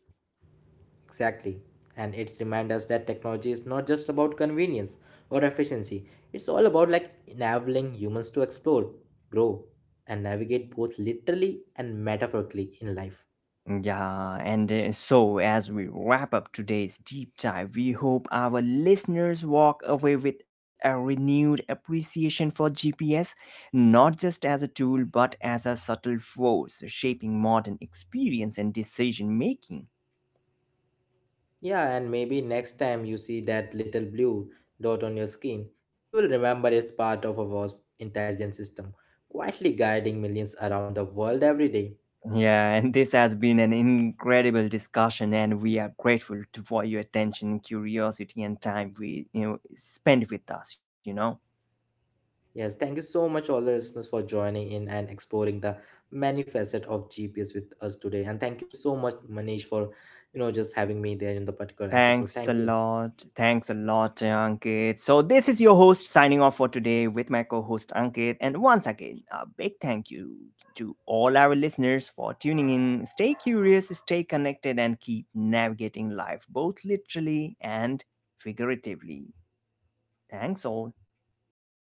[SPEAKER 2] Exactly. And it's remind us that technology is not just about convenience or efficiency. It's all about like enabling humans to explore, grow, and navigate both literally and metaphorically in life.
[SPEAKER 1] Yeah, and so as we wrap up today's deep dive, we hope our listeners walk away with a renewed appreciation for GPS, not just as a tool, but as a subtle force shaping modern experience and decision making.
[SPEAKER 2] Yeah, and maybe next time you see that little blue dot on your screen, you will remember it's part of a vast intelligence system, quietly guiding millions around the world every day.
[SPEAKER 1] Yeah, and this has been an incredible discussion, and we are grateful to, for your attention, curiosity, and time we, you know, spent with us. You know.
[SPEAKER 2] Yes, thank you so much, all the listeners, for joining in and exploring the many facet of GPS with us today. And thank you so much, Manish, for you know just having me there in the particular episode.
[SPEAKER 1] Thanks a
[SPEAKER 2] Thank you.
[SPEAKER 1] lot. Thanks a lot, Ankit. So, this is your host signing off for today with my co host Ankit. And once again, a big thank you to all our listeners for tuning in. Stay curious, stay connected, and keep navigating life both literally and figuratively. Thanks all.